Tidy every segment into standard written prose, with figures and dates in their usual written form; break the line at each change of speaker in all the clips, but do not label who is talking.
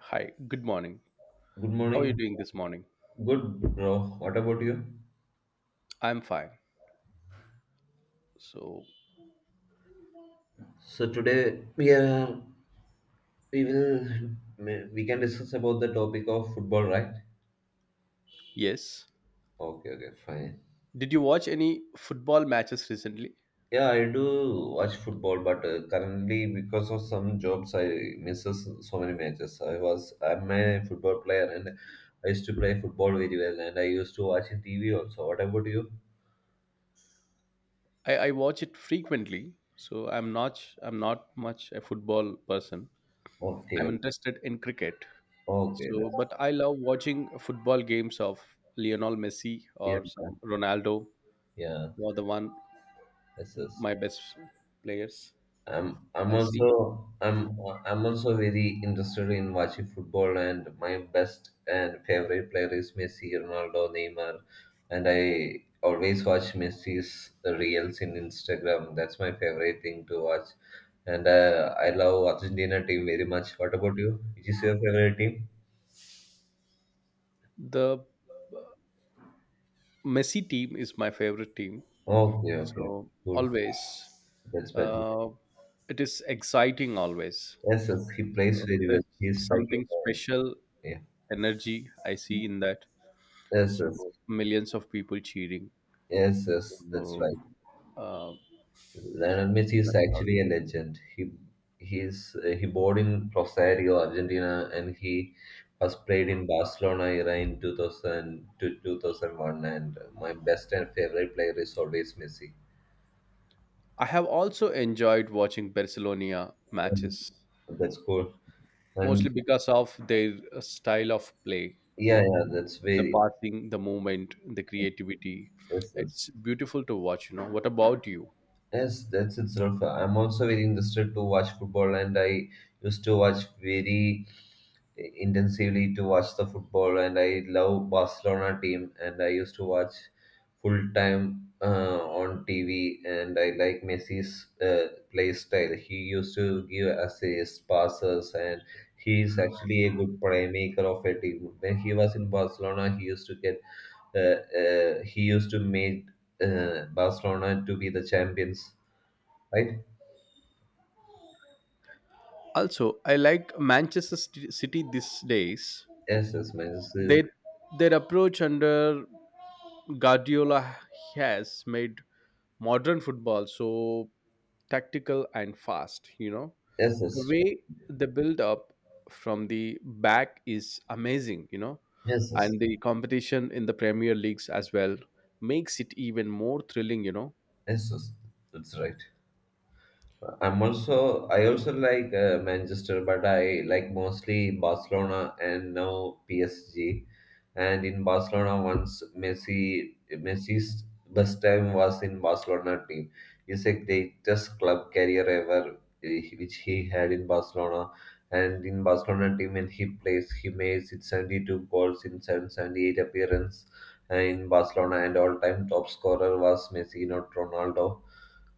Hi, good morning.
Good
How are you
morning.
doing this morning?
Good, bro. What about you?
I'm fine. So,
So today we are we will we can discuss about the topic of football, right?
yes.
Okay, okay, fine.
Did you watch any football matches recently?
Yeah, I do watch football, but currently because of some jobs, I misses so many matches. I'm a football player, and I used to play football very well, and I used to watch in TV also. What about you?
I watch it frequently, so I'm not much a football person.
Okay,
I'm interested in cricket.
okay,
So, but I love watching football games of Lionel Messi
yeah,
or
yeah,
some Ronaldo,
yeah.
or the one
That's us.
my best players.
I'm I'm
I see.
also I'm I'm also very interested in watching football, and my best and favorite player is Messi, Ronaldo, Neymar, and I always watch Messi's reels in Instagram. That's my favorite thing to watch, and I love Argentina team very much. What about you? Which is your favorite team?
The Messi team is my favorite team.
Okay, okay,
So
cool.
always,
That's better.
uh, it is exciting. Always,
Yes, yes, he plays
so
very well.
there's
He's like
something
a
special
Yeah.
energy I see in that.
Yes, yes,
So millions of people cheering.
yes, yes. That's
So,
right.
uh,
Lionel Messi is
that's how it
actually a
goes.
legend. He born in Rosario, Argentina, and he has played in Barcelona era in 2000 to 2001. And my best and favorite player is always Messi.
I have also enjoyed watching Barcelona
Um,
matches,
That's cool. And
mostly because of their style of play. You
yeah,
know,
yeah, that's
the
very
passing, the movement, the creativity.
yes, yes.
It's beautiful to watch. You know, what about you?
Yes, that's itself. I'm also very interested to watch football, and I used to watch very intensively to watch the football, and I love Barcelona team, and I used to watch full time on TV, and I like Messi's play style. He used to give assists, passes, and he is actually a good playmaker of a team. When he was in Barcelona, he used to uh, make Barcelona to be the champions, right?
Also, I like Manchester City these days.
Yes, yes,
Their their approach under Guardiola has made modern football so tactical and fast. You know,
yes, yes,
the
yes,
way the build up from the back is amazing. You know,
yes, yes,
and the competition in the Premier Leagues as well makes it even more thrilling. You know,
yes, that's right. I also like Manchester, but I like mostly Barcelona and now PSG. And in Barcelona, once Messi's best time was in Barcelona team. It's a greatest club career ever, which he had in Barcelona. And in Barcelona team, when he plays, he made 72 goals in 778 appearance, in Barcelona, and all-time top scorer was Messi, not Ronaldo,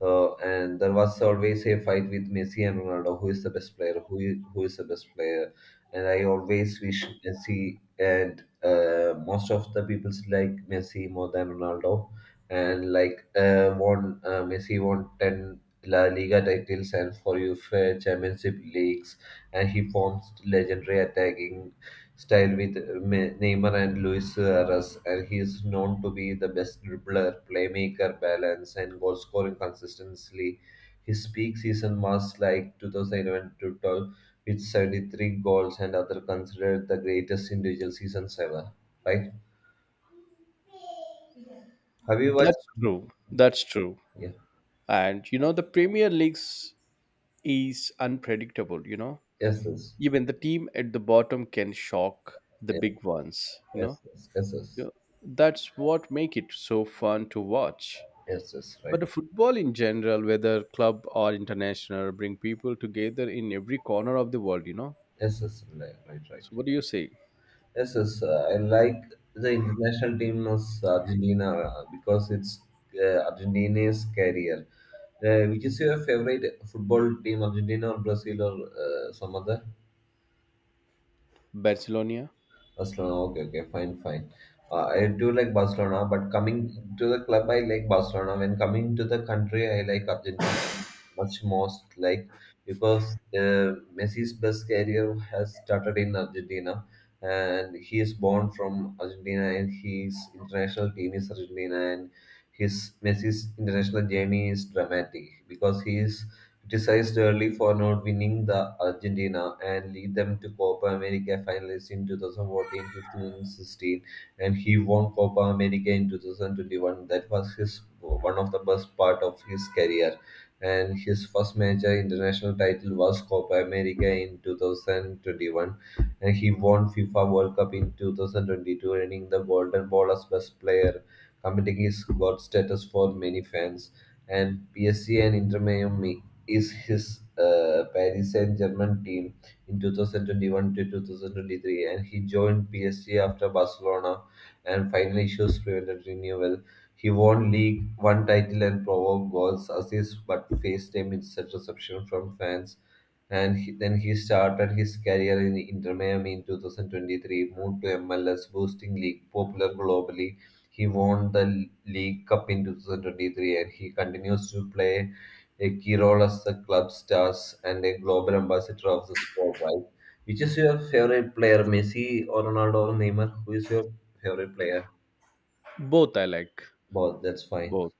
and there was always a fight with Messi and Ronaldo: who is the best player, who is the best player. And I always wish Messi, and most of the people like Messi more than Ronaldo. And like won Messi won 10 La Liga titles and for UEFA Championship leagues, and he formed legendary attacking style with Neymar and Luis Suarez, and he is known to be the best dribbler, playmaker, balance, and goal scoring consistently. His peak season was like 2011 to 12 with 73 goals, and other considered the greatest individual seasons ever. Right? Have you watched?
that's true. That's true.
Yeah.
And you know, the Premier Leagues is unpredictable. You know,
Yes, yes,
even the team at the bottom can shock the
yes,
big ones, you
yes,
know.
yes,
You
yes,
know, that's what make it so fun to watch,
yes, yes, right.
but the football in general, whether club or international, bring people together in every corner of the world, you know.
Yes, yes, right, right, right.
So what do you say?
Yes, yes, I like the international team is Argentina, because it's Argentina's career. Which is your favorite football team, Argentina or Brazil or some other?
Barcelona.
Barcelona. Okay, okay, fine, fine. I do like Barcelona, but coming to the club, I like Barcelona. When coming to the country, I like Argentina much most, like because Messi's best career has started in Argentina, and he is born from Argentina, and his international team is Argentina, and his Messi's international journey is dramatic because he is criticized early for not winning the Argentina and lead them to Copa America finalists in 2014, 15, 16, and he won Copa America in 2021. That was his one of the best part of his career. And his first major international title was Copa America in 2021, and he won FIFA World Cup in 2022, earning the Golden Ball as Best Player, completing his god status for many fans. And PSG and Inter Miami is his Paris Saint-Germain team in 2021 to 2023, and he joined PSG after Barcelona and final issues prevented renewal. He won League One title and provoked goals, assists, but faced a mixed reception from fans, and then he started his career in Inter Miami in 2023, moved to MLS, boosting league popular globally. He won the League Cup in 2023, and he continues to play a key role as the club stars and a global ambassador of the sport, right? Which is your favorite player, Messi or Ronaldo or Neymar? Who is your favorite player?
Both, I like
Both, that's fine.
both.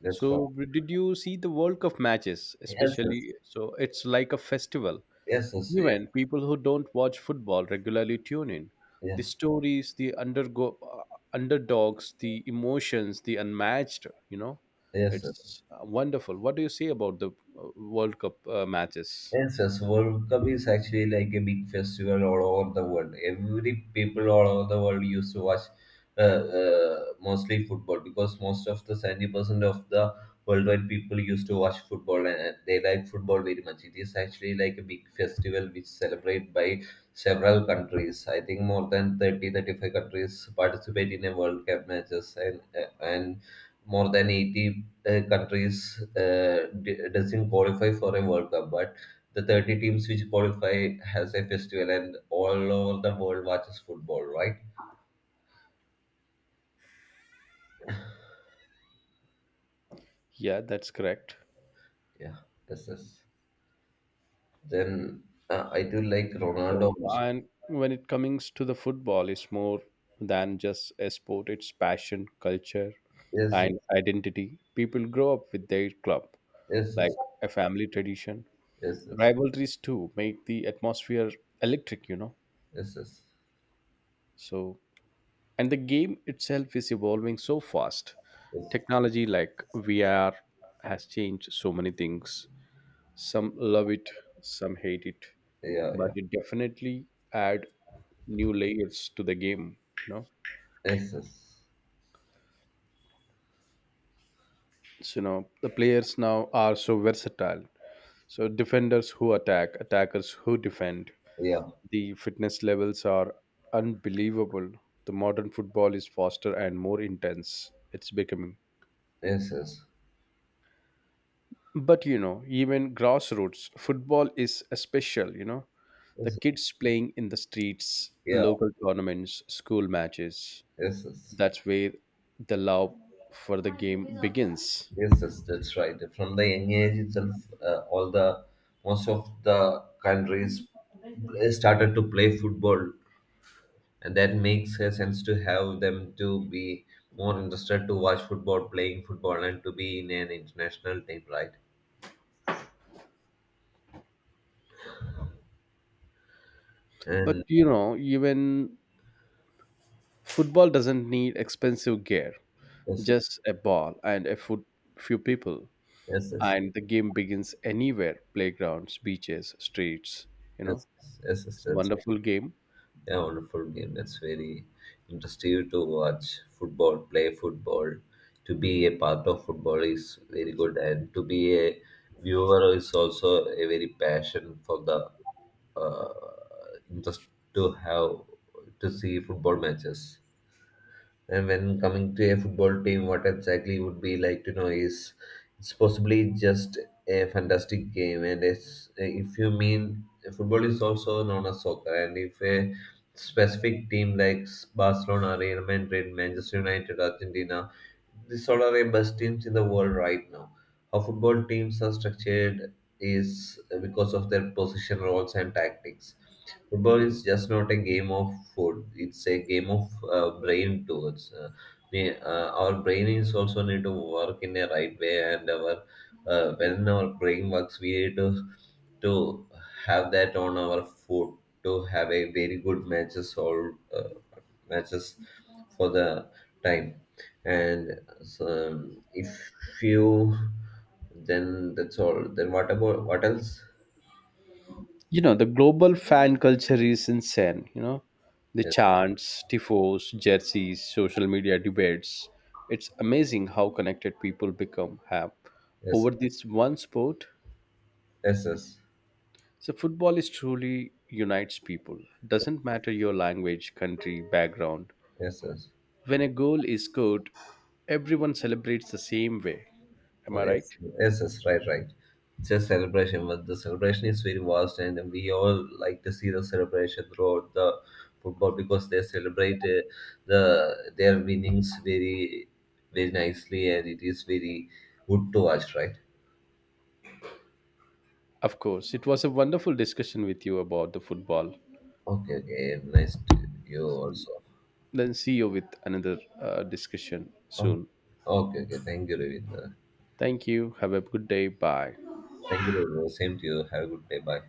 That's
So
fine.
did you see the World Cup matches?
Yes,
Especially, so it's like a festival.
yes, yes, yes,
Even
yeah,
people who don't watch football regularly tune in.
yeah,
The stories, the underdogs, the emotions, the unmatched, you know,
yes,
it's
yes.
wonderful. What do you say about the World Cup matches?
Yes, yes, World Cup is actually like a big festival all over the world. Every people all over the world used to watch mostly football, because most of the 70% of the worldwide people used to watch football and they like football very much. It is actually like a big festival which celebrated by several countries. I think more than thirty thirty five countries participate in a World Cup matches, and more than 80 countries doesn't qualify for a World Cup. But the 30 teams which qualify has a festival, and all over the world watches football, right?
Yeah, that's correct.
Yeah, yes, yes. Then I do like
So,
Ronaldo most.
and when it comes to the football, it's more than just a sport, it's passion, culture,
Yes,
and identity. People grow up with their club,
yes,
like
yes,
a family tradition.
yes, yes,
Rivalries too make the atmosphere electric, you know.
yes, yes,
So, and the game itself is evolving so fast.
yes,
Technology like VR has changed so many things. Some love it, some hate it,
yeah,
but
yeah,
it definitely add new layers to the game, you know.
yes, yes,
So now the players now are so versatile, so defenders who attack, attackers who defend.
yeah,
The fitness levels are unbelievable. The modern football is faster and more intense. It's becoming.
yes, yes,
But you know, even grassroots football is a special, you know. The
yes, yes.
kids playing in the streets,
Yeah,
local tournaments, school matches.
yes, yes,
That's where the love for the game begins.
yes, yes, that's right, from the young age itself. All the most of the countries started to play football, and that makes a sense to have them to be more interested to watch football, playing football, and to be in an international team, right? And
But you know, even football doesn't need expensive gear,
yes,
just a ball and a foot, few people.
yes, yes,
And the game begins anywhere: playgrounds, beaches, streets, you know.
yes, yes, yes,
It's a
that's
wonderful game.
yeah, wonderful game. That's very interesting to watch football, play football. To be a part of football is very good, and to be a viewer is also a very passion for the uh, interest to have to see football matches. And when coming to a football team, what exactly would be like to know is it's possibly just a fantastic game. And it's, if you mean, football is also known as soccer, and if a specific team like Barcelona, Real Madrid, Manchester United, Argentina, these all are the best teams in the world right now. How football teams are structured is because of their position roles and tactics. Football is just not a game of food. It's a game of brain towards. Our brain is also need to work in a right way, and our when our brain works, we need to have that on our foot to have a very good matches or matches for the time. And so, if you, then that's all. Then what about what else?
You know, the global fan culture is insane, you know. The chants, tifos, jerseys, social media debates, it's amazing how connected people become have
Yes,
over this one sport.
yes, yes, yes, yes.
So football is truly unites people, doesn't matter your language, country, background.
Yes.
When a goal is scored, everyone celebrates the same way. Am
Oh,
I
yes,
right?
yes, yes, right, right. It's a celebration, but the celebration is very vast, and we all like to see the celebration throughout the football, because they celebrate their winnings very, very nicely, and it is very good to watch, right?
Of course, it was a wonderful discussion with you about the football.
Okay, okay, nice to you also.
Then see you with another discussion
Oh,
soon.
okay, okay, thank you, Ravindra.
Thank you. Have a good day. Bye.
Thank you, Ravindra. Same to you. Have a good day. Bye.